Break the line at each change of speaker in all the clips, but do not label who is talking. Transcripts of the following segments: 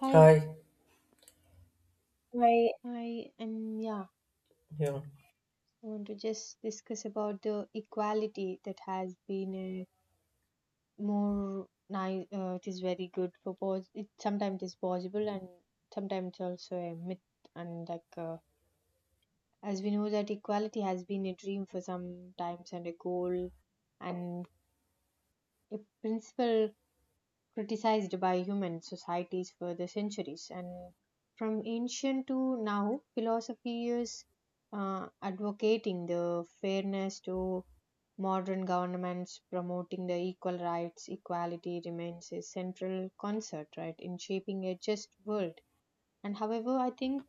Hi,
Hi,
hi, and yeah,
yeah,
I want to just discuss about the equality that has been a more nice. It is very good for pos. It sometimes is possible, and sometimes it's also a myth. And like as we know that equality has been a dream for some times and a goal and a principle criticized by human societies for the centuries. And from ancient to now, philosophy is advocating the fairness to modern governments, promoting the equal rights, equality remains a central concern, right, in shaping a just world. And however, I think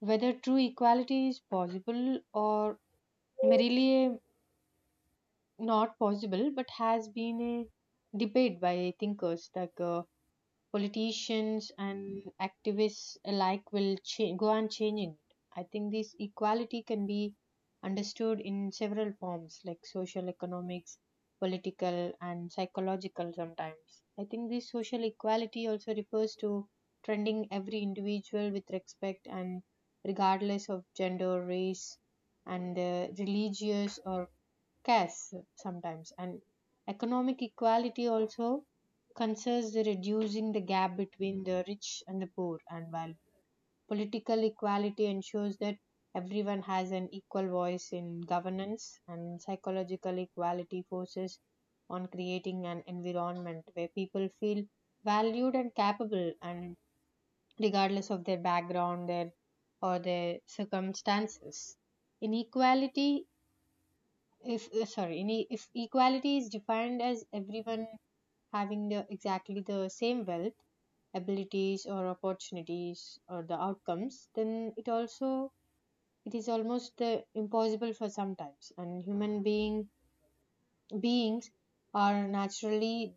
whether true equality is possible or merely a not possible, but has been a debate by thinkers like politicians and activists alike will go on changing it. I think this equality can be understood in several forms like social economics, political, and psychological sometimes. I think this social equality also refers to trending every individual with respect and regardless of gender, race, and religious or scarce sometimes and economic equality also concerns the reducing the gap between the rich and the poor and while political equality ensures that everyone has an equal voice in governance and psychological equality forces on creating an environment where people feel valued and capable and regardless of their background their or their circumstances inequality if sorry any if equality is defined as everyone having the exactly the same wealth abilities or opportunities or the outcomes then it also it is almost impossible for sometimes and human being beings are naturally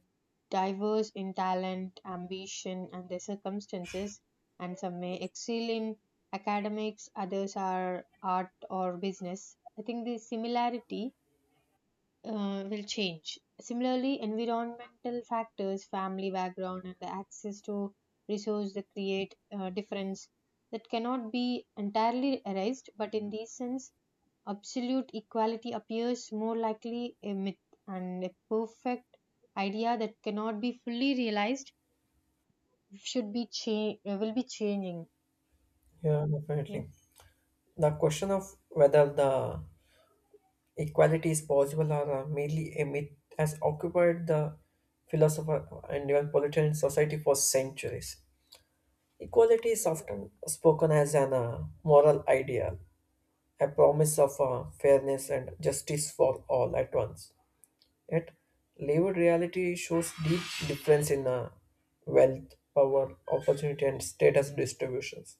diverse in talent ambition and their circumstances and some may excel in academics others are art or business. I think the similarity will change. Similarly, environmental factors, family background, and the access to resource that create difference that cannot be entirely erased. But in this sense, absolute equality appears more likely a myth, and a perfect idea that cannot be fully realized should be will be changing.
yeah,
Yeah.
definitely. The question of whether the equality is possible or merely a myth has occupied the philosopher and even political society for centuries. Equality is often spoken as an moral ideal, a promise of fairness and justice for all at once. Yet, lived reality shows deep difference in wealth, power, opportunity, and status distributions.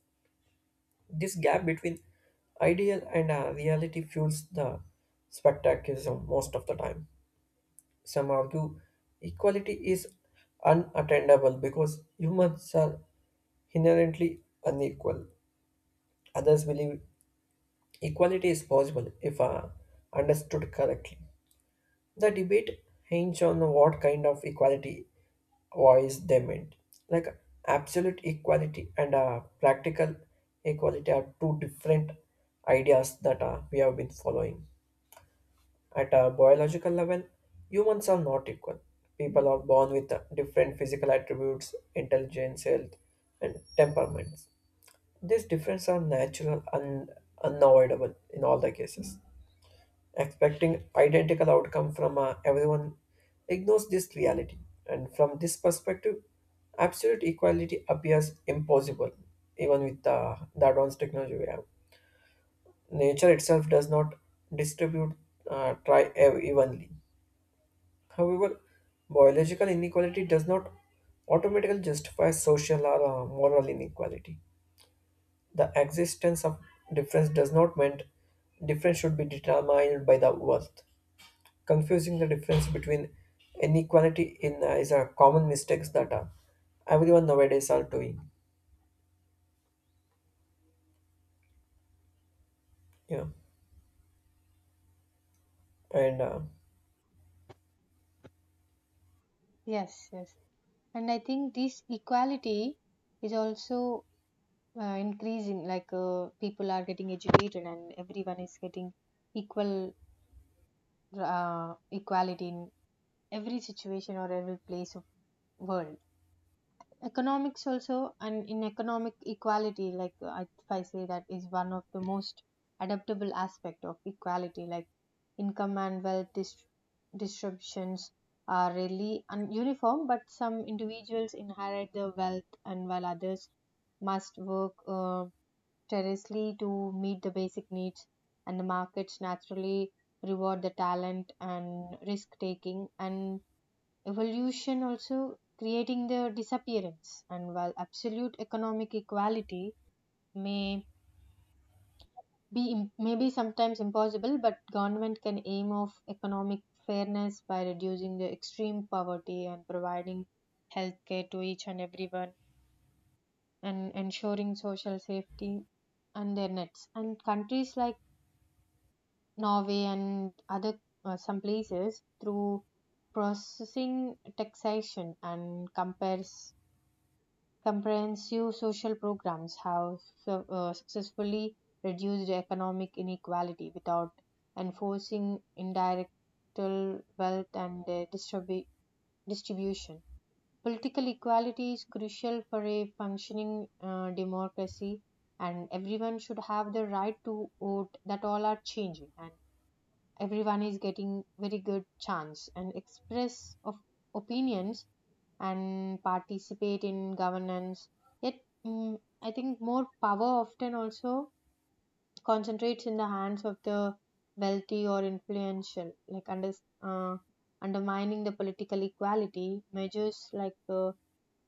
This gap between ideal and reality fuels the spectaculism most of the time. Some argue equality is unattainable because humans are inherently unequal. Others believe equality is possible if understood correctly. The debate hinged on what kind of equality was they meant. Like absolute equality and practical equality are two different ideas that we have been following. At a biological level, humans are not equal. People are born with different physical attributes, intelligence, health, and temperaments. These differences are natural and unavoidable in all the cases, expecting identical outcome from everyone ignores this reality. And from this perspective, absolute equality appears impossible even with the advanced technology we have. Nature itself does not distribute evenly. However, biological inequality does not automatically justify social or moral inequality. The existence of difference does not mean difference should be determined by the worth. Confusing the difference between inequality in is a common mistakes that everyone nowadays are doing. Yeah, and
Yes. Yes. And I think this equality is also increasing like people are getting educated and everyone is getting equal equality in every situation or every place of world economics also. And in economic equality, like if I say that is one of the most adaptable aspect of equality like income and wealth distributions are really ununiform, but some individuals inherit the wealth and while others must work tirelessly to meet the basic needs, and the markets naturally reward the talent and risk taking and evolution also creating their disappearance. And while absolute economic equality may may be sometimes impossible, but government can aim of economic fairness by reducing the extreme poverty and providing healthcare to each and everyone and ensuring social safety and their nets. And countries like Norway and other some places through processing taxation and compares comprehensive social programs have successfully reduced economic inequality without enforcing indirectal wealth and distribution. Political equality is crucial for a functioning democracy, and everyone should have the right to vote. That all are changing, and everyone is getting very good chance and express of opinions and participate in governance yet mm, I think more power often also concentrates in the hands of the wealthy or influential like uh, undermining the political equality measures like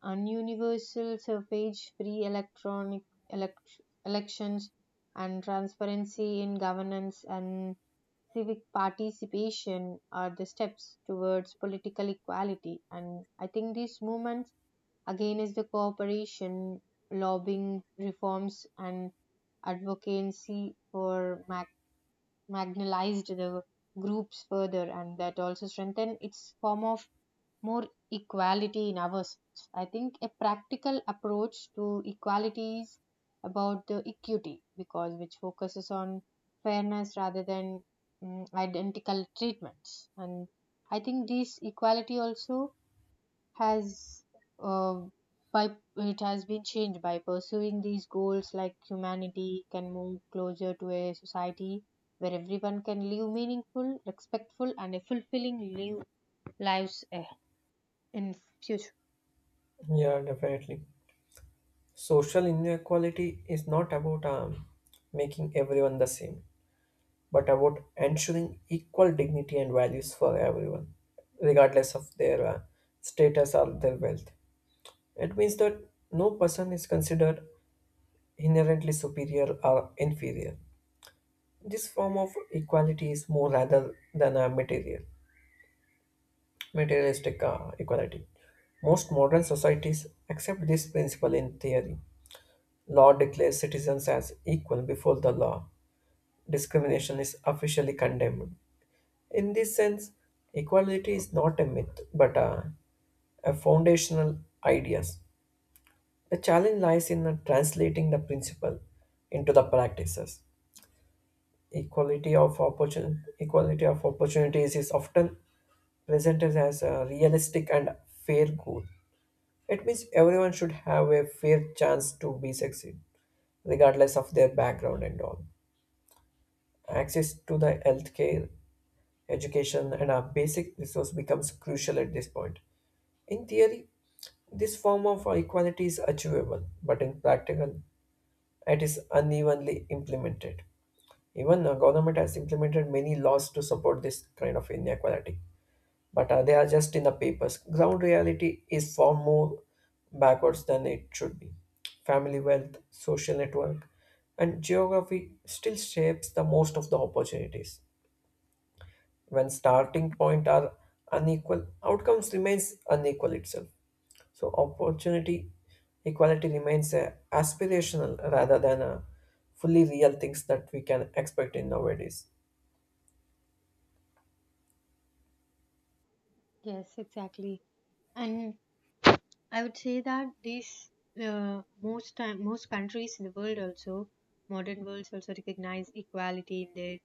an universal suffrage free electronic elections and transparency in governance and civic participation are the steps towards political equality. And I think these movements, again, is the cooperation, lobbying reforms, and advocacy for marginalized the groups further and that also strengthen its form of more equality in ours. I think a practical approach to equality is about the equity because which focuses on fairness rather than identical treatments. And I think this equality also has uh, by it has been changed by pursuing these goals like humanity can move closer to a society where everyone can live meaningful respectful and a fulfilling lives in future.
yeah, definitely. Social inequality is not about making everyone the same, but about ensuring equal dignity and values for everyone regardless of their status or their wealth. It means that no person is considered inherently superior or inferior. This form of equality is more rather than a materialistic equality. Most modern societies accept this principle in theory. Law declares citizens as equal before the law. Discrimination is officially condemned. In this sense, equality is not a myth, but a foundational ideas. The challenge lies in translating the principle into the practices. Equality of opportunities is often presented as a realistic and fair goal. It means everyone should have a fair chance to be succeed, regardless of their background and all. Access to the healthcare, education, and our basic resource becomes crucial at this point. In theory, this form of equality is achievable, but in practical, it is unevenly implemented. Even the government has implemented many laws to support this kind of inequality, but they are just in the papers. Ground reality is far more backwards than it should be. Family wealth, social network, and geography still shapes the most of the opportunities. When starting point are unequal, outcomes remains unequal itself. So opportunity equality remains a aspirational rather than a fully real things that we can expect in nowadays.
Yes, exactly. And I would say that these most time most countries in the world also modern worlds also recognize equality in their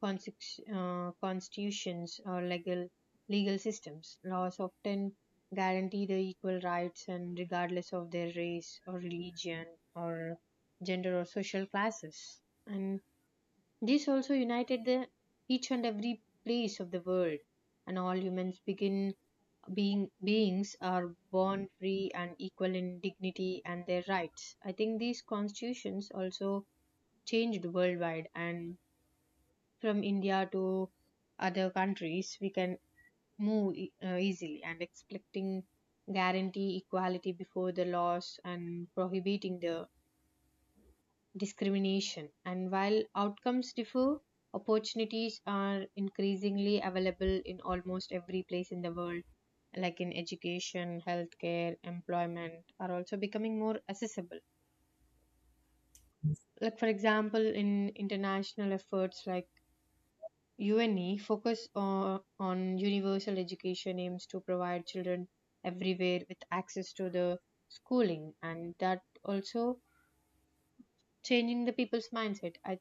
constitutions or legal systems. Laws often guarantee the equal rights and regardless of their race or religion or gender or social classes. And this also united the each and every place of the world, and all humans begin being beings are born free and equal in dignity and their rights. I think these constitutions also changed worldwide, and from India to other countries, we can move easily and expecting guarantee equality before the laws and prohibiting the discrimination. And while outcomes differ, opportunities are increasingly available in almost every place in the world, like in education, healthcare, employment, are also becoming more accessible. Like, for example, in international efforts like UNE, on universal education aims to provide children everywhere with access to the schooling, and that also changing the people's mindset.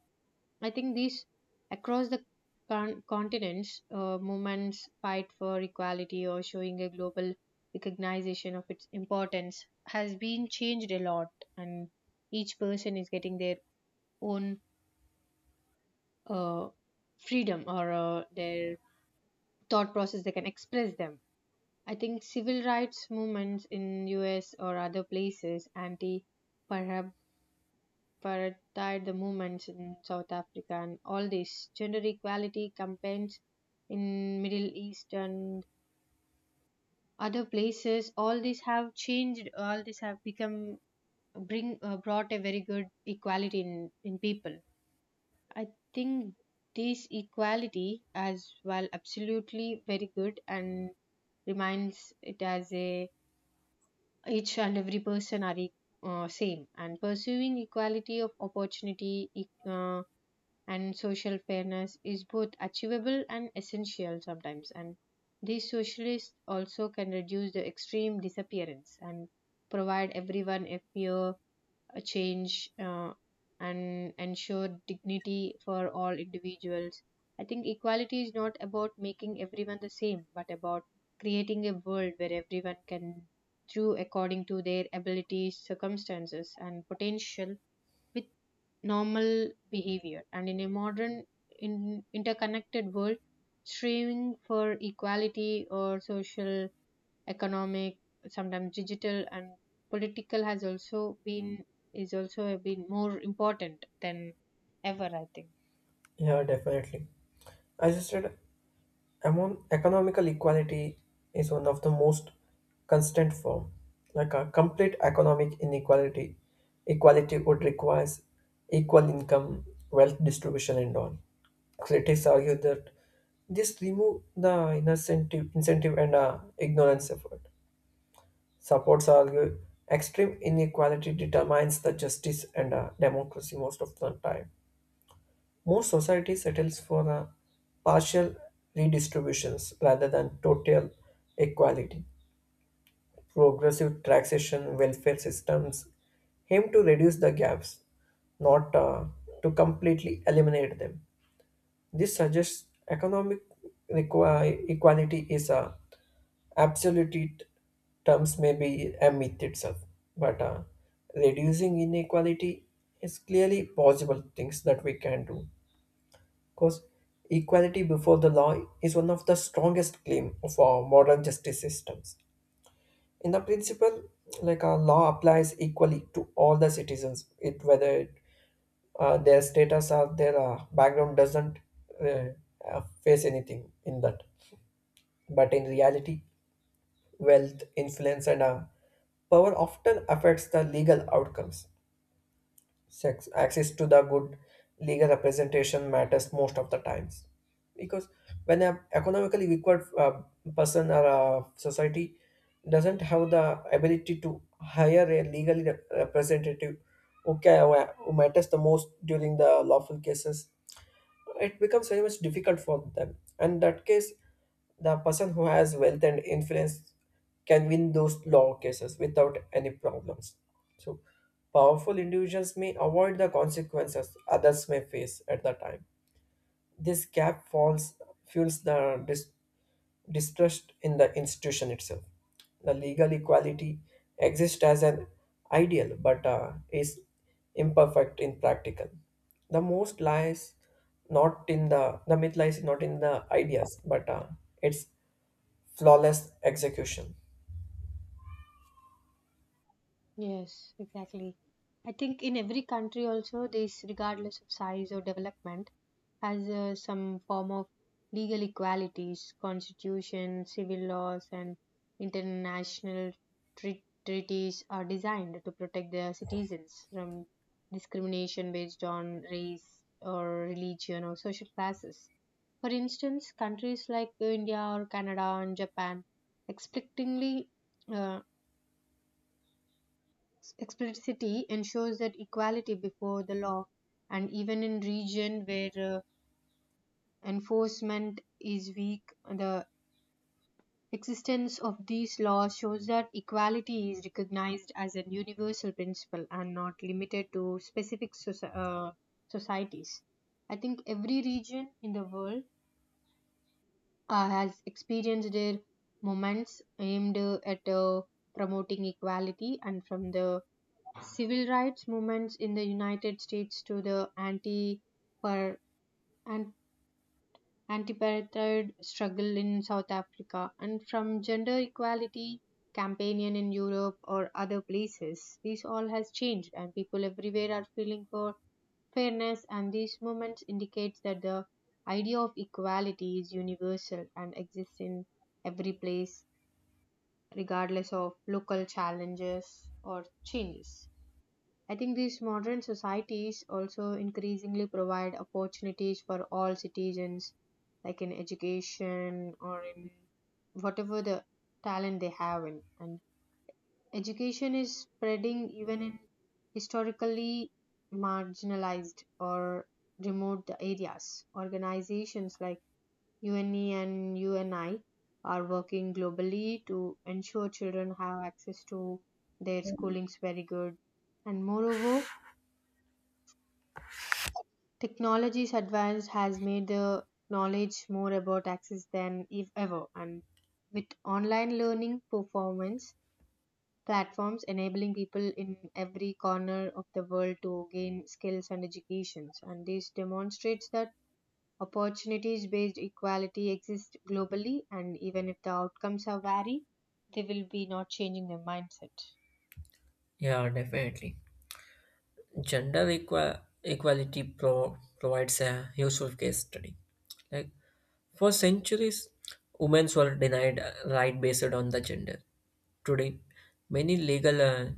I think these across the continents, movements fight for equality or showing a global recognition of its importance has been changed a lot, and each person is getting their own uh, freedom or their thought process they can express them. I think civil rights movements in US or other places, anti paradied the movements in South Africa and all these gender equality campaigns in Middle East and other places. All these have changed. All these have become bring brought a very good equality in people. I think this equality as well absolutely very good and reminds it as a each and every person are same and pursuing equality of opportunity and social fairness is both achievable and essential sometimes. And these socialists also can reduce the extreme disappearance and provide everyone a change and ensure dignity for all individuals. I think equality is not about making everyone the same but about creating a world where everyone can do according to their abilities circumstances and potential with normal behavior. And in a modern, in, interconnected world, striving for equality or social, economic, sometimes digital and political has also been is also been more important than ever, I think.
Yeah, definitely. As you said, among economical equality is one of the most constant form. Like a complete economic equality would requires equal income, wealth distribution, and all. Critics argue that this remove the incentive and ignorance effort. Supports argue extreme inequality determines the justice and democracy most of the time. Most society settles for a partial redistributions rather than total equality. Progressive taxation, welfare systems aim to reduce the gaps, not to completely eliminate them. This suggests economic equality is a absolute t- terms may be a myth itself, but reducing inequality is clearly possible things that we can do, because equality before the law is one of the strongest claim of our modern justice systems. In the principle, like our law applies equally to all the citizens, it whether it, their status or their background doesn't uh, face anything in that. But in reality, wealth, influence, and power often affects the legal outcomes. Sex, access to the good legal representation matters most of the times, because when an economically weaker person or society doesn't have the ability to hire a representative who, who matters the most during the lawful cases, it becomes very much difficult for them. And that case, the person who has wealth and influence can win those law cases without any problems. So, powerful individuals may avoid the consequences others may face at the time. This gap falls fuels the distrust in the institution itself. The legal equality exists as an ideal, but is imperfect in practical. The most lies the myth lies not in the ideas, but its flawless execution.
Yes, exactly. I think in every country also this, regardless of size or development, has some form of legal equalities, constitution, civil laws, and international treaties are designed to protect their citizens from discrimination based on race or religion or social classes. For instance, countries like India or Canada and Japan explicitly explicitity ensures that equality before the law. And even in region where enforcement is weak, the existence of these laws shows that equality is recognized as a universal principle and not limited to specific societies. I think every region in the world has experienced their moments aimed at promoting equality. And from the civil rights movements in the United States to the anti per an anti apartheid struggle in South Africa and from gender equality campaign in Europe or other places, this all has changed and people everywhere are feeling for fairness, and these movements indicates that the idea of equality is universal and exists in every place regardless of local challenges or changes. I think these modern societies also increasingly provide opportunities for all citizens, like in education or in whatever the talent they have. In. And education is spreading even in historically marginalized or remote areas. Organizations like UNE and UNI are working globally to ensure children have access to their schooling's very good. And moreover, technology's advance has made the knowledge more about access than if ever, and with online learning performance platforms enabling people in every corner of the world to gain skills and educations, and this demonstrates that opportunities-based equality exists globally, and even if the outcomes are vary, they will be not changing their mindset.
Yeah, definitely. Gender equality provides a useful case study. Like for centuries, women were denied right based on the gender. Today, many legal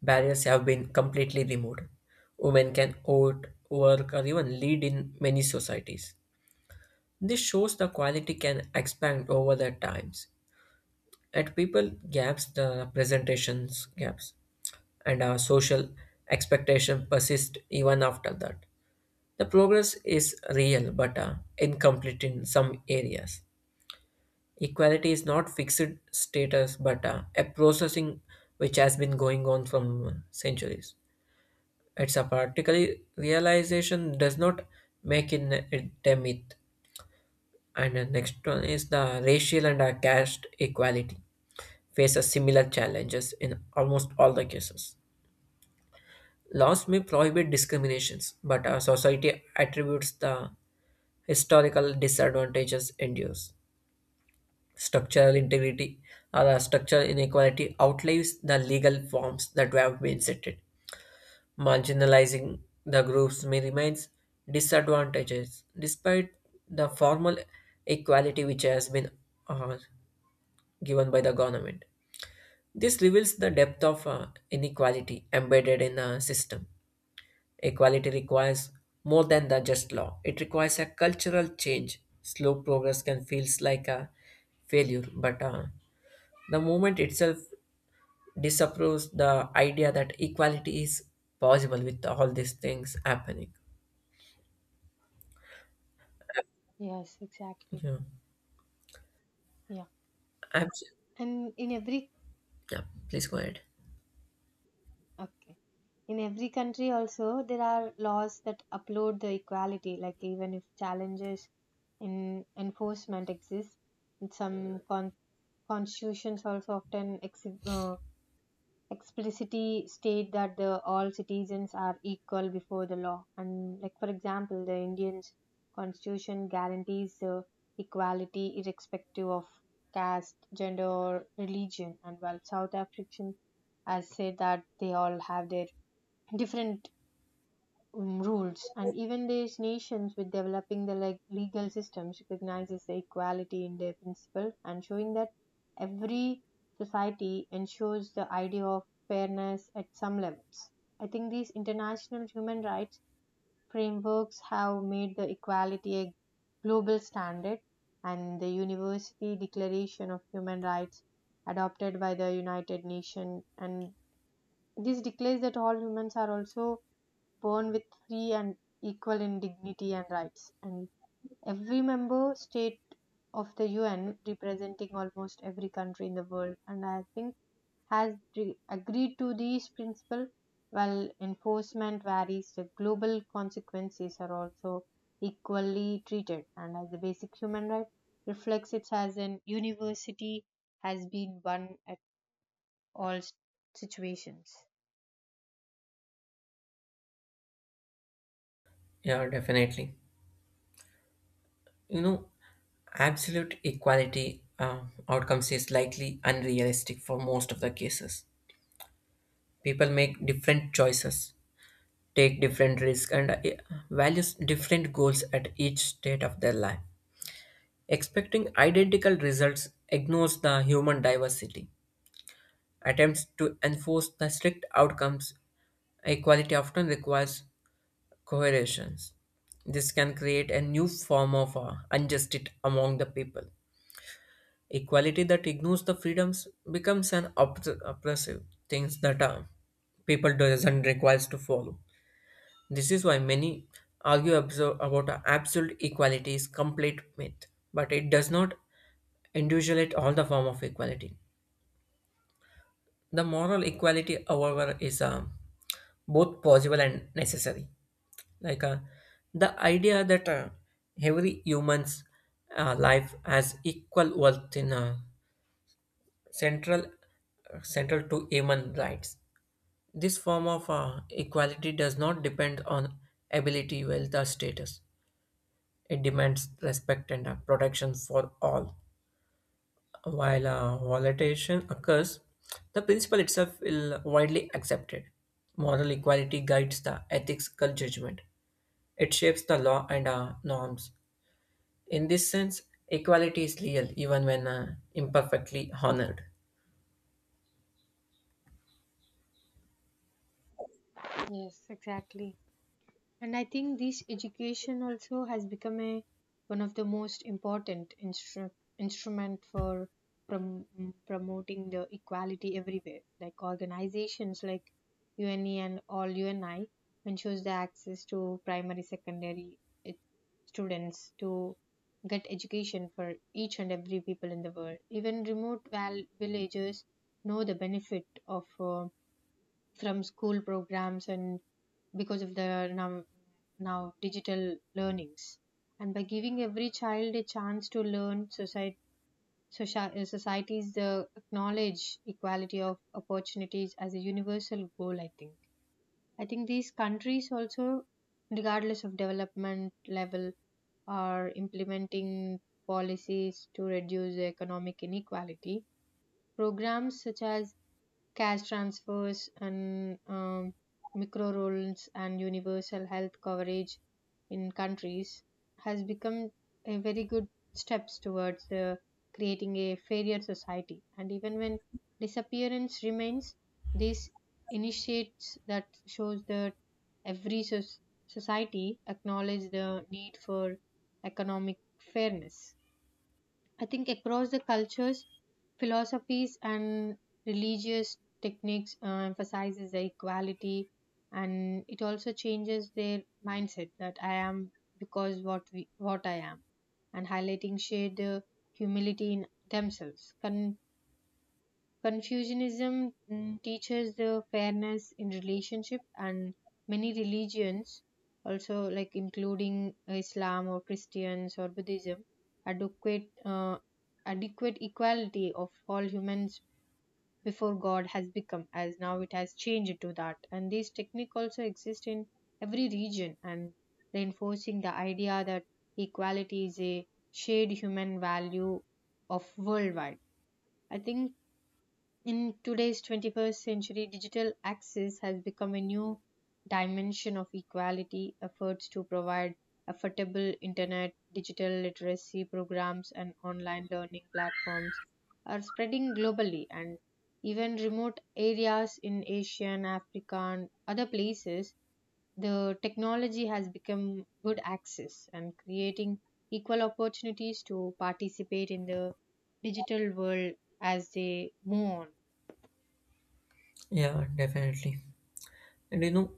barriers have been completely removed. Women can vote, work, or even lead in many societies. This shows the quality can expand over the times. At people gaps, the presentations gaps, and our social expectation persist even after that. The progress is real but incomplete in some areas. Equality is not fixed status but a processing which has been going on from centuries. It's a particularly realization does not make in it a myth. And the next one is the racial and caste equality faces similar challenges in almost all the cases. Laws may prohibit discriminations, but our society attributes the historical disadvantages endures. Structural integrity or a structural inequality outlives the legal forms that have been set. It. Marginalizing the groups may remains disadvantages despite the formal equality which has been uh, given by the government. This reveals the depth of inequality embedded in the system. Equality requires more than the just law. It requires a cultural change. Slow progress can feels like a failure, but the movement itself disapproves the idea that equality is possible with all these things happening.
Yes, exactly.
Yeah,
Yeah,
Abs-
and in every
yeah. Please go ahead.
okay. In every country also there are laws that uphold the equality like even if challenges in enforcement exist in some constitutions also often explicitly state that the all citizens are equal before the law. And like for example the Indian constitution guarantees the equality irrespective of caste gender or religion. And while South African has said that they all have their different rules. And even these nations with developing the like legal systems recognizes the equality in their principle and showing that every society ensures the idea of fairness at some levels. I think these international human rights frameworks have made the equality a global standard. And the university declaration of human rights adopted by the United Nations, and this declares that all humans are also born with free and equal in dignity and rights. And every member state of the UN, representing almost every country in the world, and I think agreed to these principles. While enforcement varies, the global consequences are also equally treated. And as a basic human right, reflects it as an university has been one at all s- situations.
Yeah, definitely. You know, absolute equality outcomes is likely unrealistic for most of the cases. People make different choices, take different risks, and values different goals at each stage of their life. Expecting identical results ignores the human diversity. Attempts to enforce the strict outcomes equality often requires coercions. This can create a new form of injustice among the people. Equality that ignores the freedoms becomes an oppressive things that people doesn't requires to follow. This is why many argue about absolute equality is complete myth, but it does not individuate all the form of equality. The moral equality, however, is both possible and necessary. Like the idea that every human's life has equal worth in central central to human rights. This form of equality does not depend on ability, wealth, or status. It demands respect and protection for all. While volatilization occurs, the principle itself is widely accepted. Moral equality guides the ethical judgment. It shapes the law and norms. In this sense, equality is real even when imperfectly honored.
Yes, exactly. And I think this education also has become a one of the most important instrument for promoting the equality everywhere. Like organizations like UNE and all UNI ensures the access to primary, secondary ed- students to get education for each and every people in the world. Even remote villages know the benefit of from school programs and because of the now digital learnings, and by giving every child a chance to learn society societies acknowledge equality of opportunities as a universal goal. I think these countries also, regardless of development level, are implementing policies to reduce economic inequality. Programs such as cash transfers and micro loans and universal health coverage in countries has become a very good steps towards the creating a fairer society. And even when disappearance remains, these initiates that shows that every soc- society acknowledges the need for economic fairness. I think across the cultures, philosophies and religious techniques emphasizes the equality, and it also changes their mindset that I am because what I am, and highlighting shared humility in themselves. Confucianism teaches the fairness in relationship, and many religions, also like including Islam or Christians or Buddhism, adequate uh, adequate equality of all humans before God has become, as now it has changed to that. And this technique also exists in every region and reinforcing the idea that equality is a shared human value of worldwide. I think in today's 21st century, digital access has become a new dimension of equality. Efforts to provide affordable internet, digital literacy programs, and online learning platforms are spreading globally, and even remote areas in Asia and Africa and other places, the technology has become good access and creating equal opportunities to participate in the digital world as they move on.
Yeah, definitely. And you know,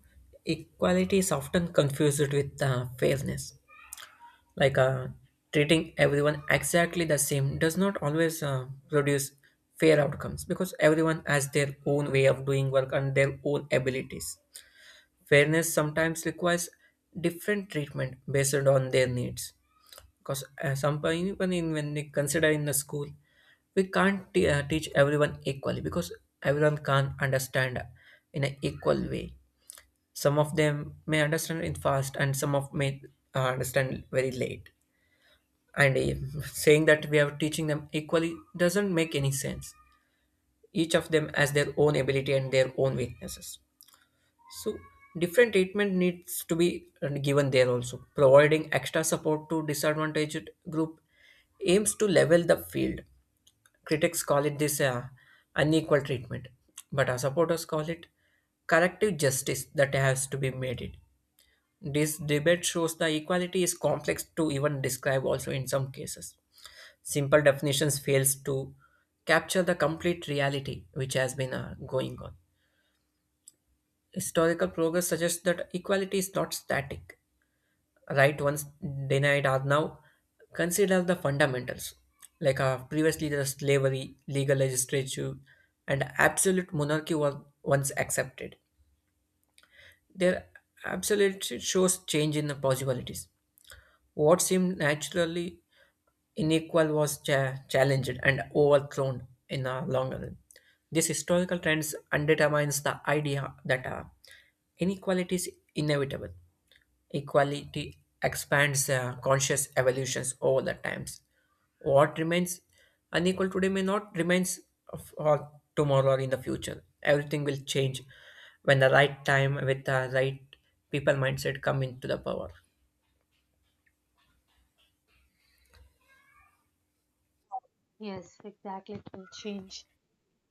equality is often confused with fairness. Like treating everyone exactly the same does not always produce fair outcomes, because everyone has their own way of doing work and their own abilities. Fairness sometimes requires different treatment based on their needs, because some even in, when we consider in the school, we can't teach everyone equally, because everyone can't understand in an equal way. Some of them may understand in fast and some of may understand very late, and saying that we are teaching them equally doesn't make any sense. Each of them has their own ability and their own weaknesses. So different treatment needs to be given there also. Providing extra support to disadvantaged group aims to level the field. Critics call it this unequal treatment, but our supporters call it corrective justice that has to be made it. This debate shows the equality is complex to even describe also in some cases. Simple definitions fails to capture the complete reality which has been going on. Historical progress suggests that equality is not static. Right once denied are now considered the fundamentals. Like previously the slavery legal legislature and absolute monarchy were once accepted. Their absolute shows change in the possibilities. What seemed naturally unequal was challenged and overthrown in the long run. This historical trends undermines the idea that inequality is inevitable. Equality expands conscious evolutions over the times. What remains unequal today may not remains for tomorrow or in the future. Everything will change when the right time with the right people mindset come into the power.
Yes, exactly. It will change,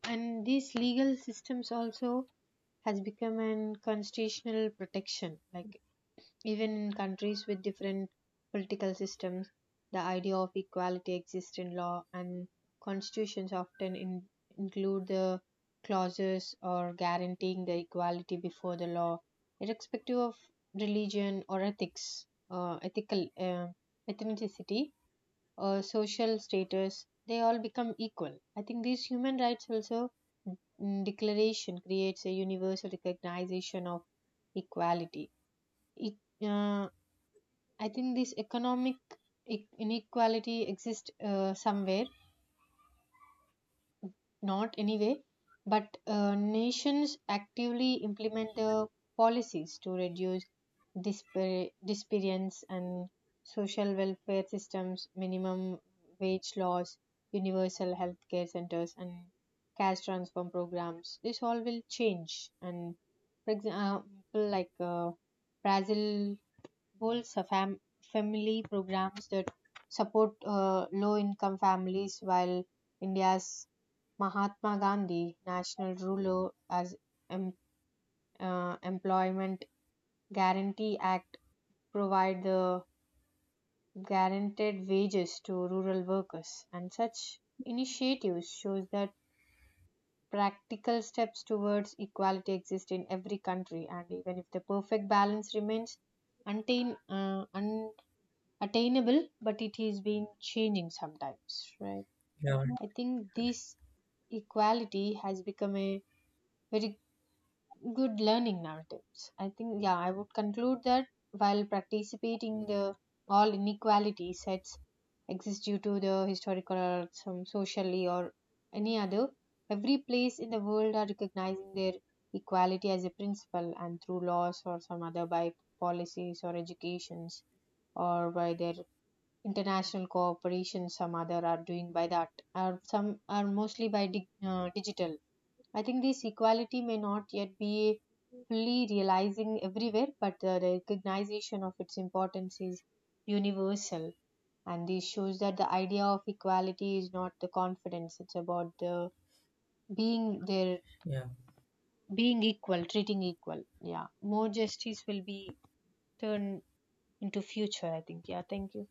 and these legal systems also has become an constitutional protection. Like even in countries with different political systems, the idea of equality exists in law, and constitutions often in, include the clauses or guaranteeing the equality before the law, irrespective of religion or ethics, ethical ethnicity or social status, they all become equal. I think these human rights also declaration creates a universal recognition of equality. It, uh, I think this economic inequality exists somewhere not anyway, but nations actively implement the policies to reduce disparities and social welfare systems, minimum wage laws, universal healthcare centers, and cash transfer programs. This all will change. And for example, like uh, Brazil holds a family programs that support low income families, while India's Mahatma Gandhi National Rural em- Employment Guarantee Act provide the guaranteed wages to rural workers, and such initiatives shows that practical steps towards equality exist in every country. And even if the perfect balance remains untain, uh, unattainable, but it is been changing sometimes, right?
Yeah,
I think this equality has become a very good learning narratives. I think, yeah, I would conclude that while participating, the all inequality sets exist due to the historical or some socially or any other. Every place in the world are recognizing their equality as a principle, and through laws or some other by policies or educations or by their international cooperation, some other are doing by that, or some are mostly by digital. I think this equality may not yet be fully realizing everywhere, but the recognition of its importance is universal. And this shows that the idea of equality is not the confidence, it's about the being there,
yeah.
being equal, treating equal. Yeah, more justice will be turned into future, I think. Yeah, thank you.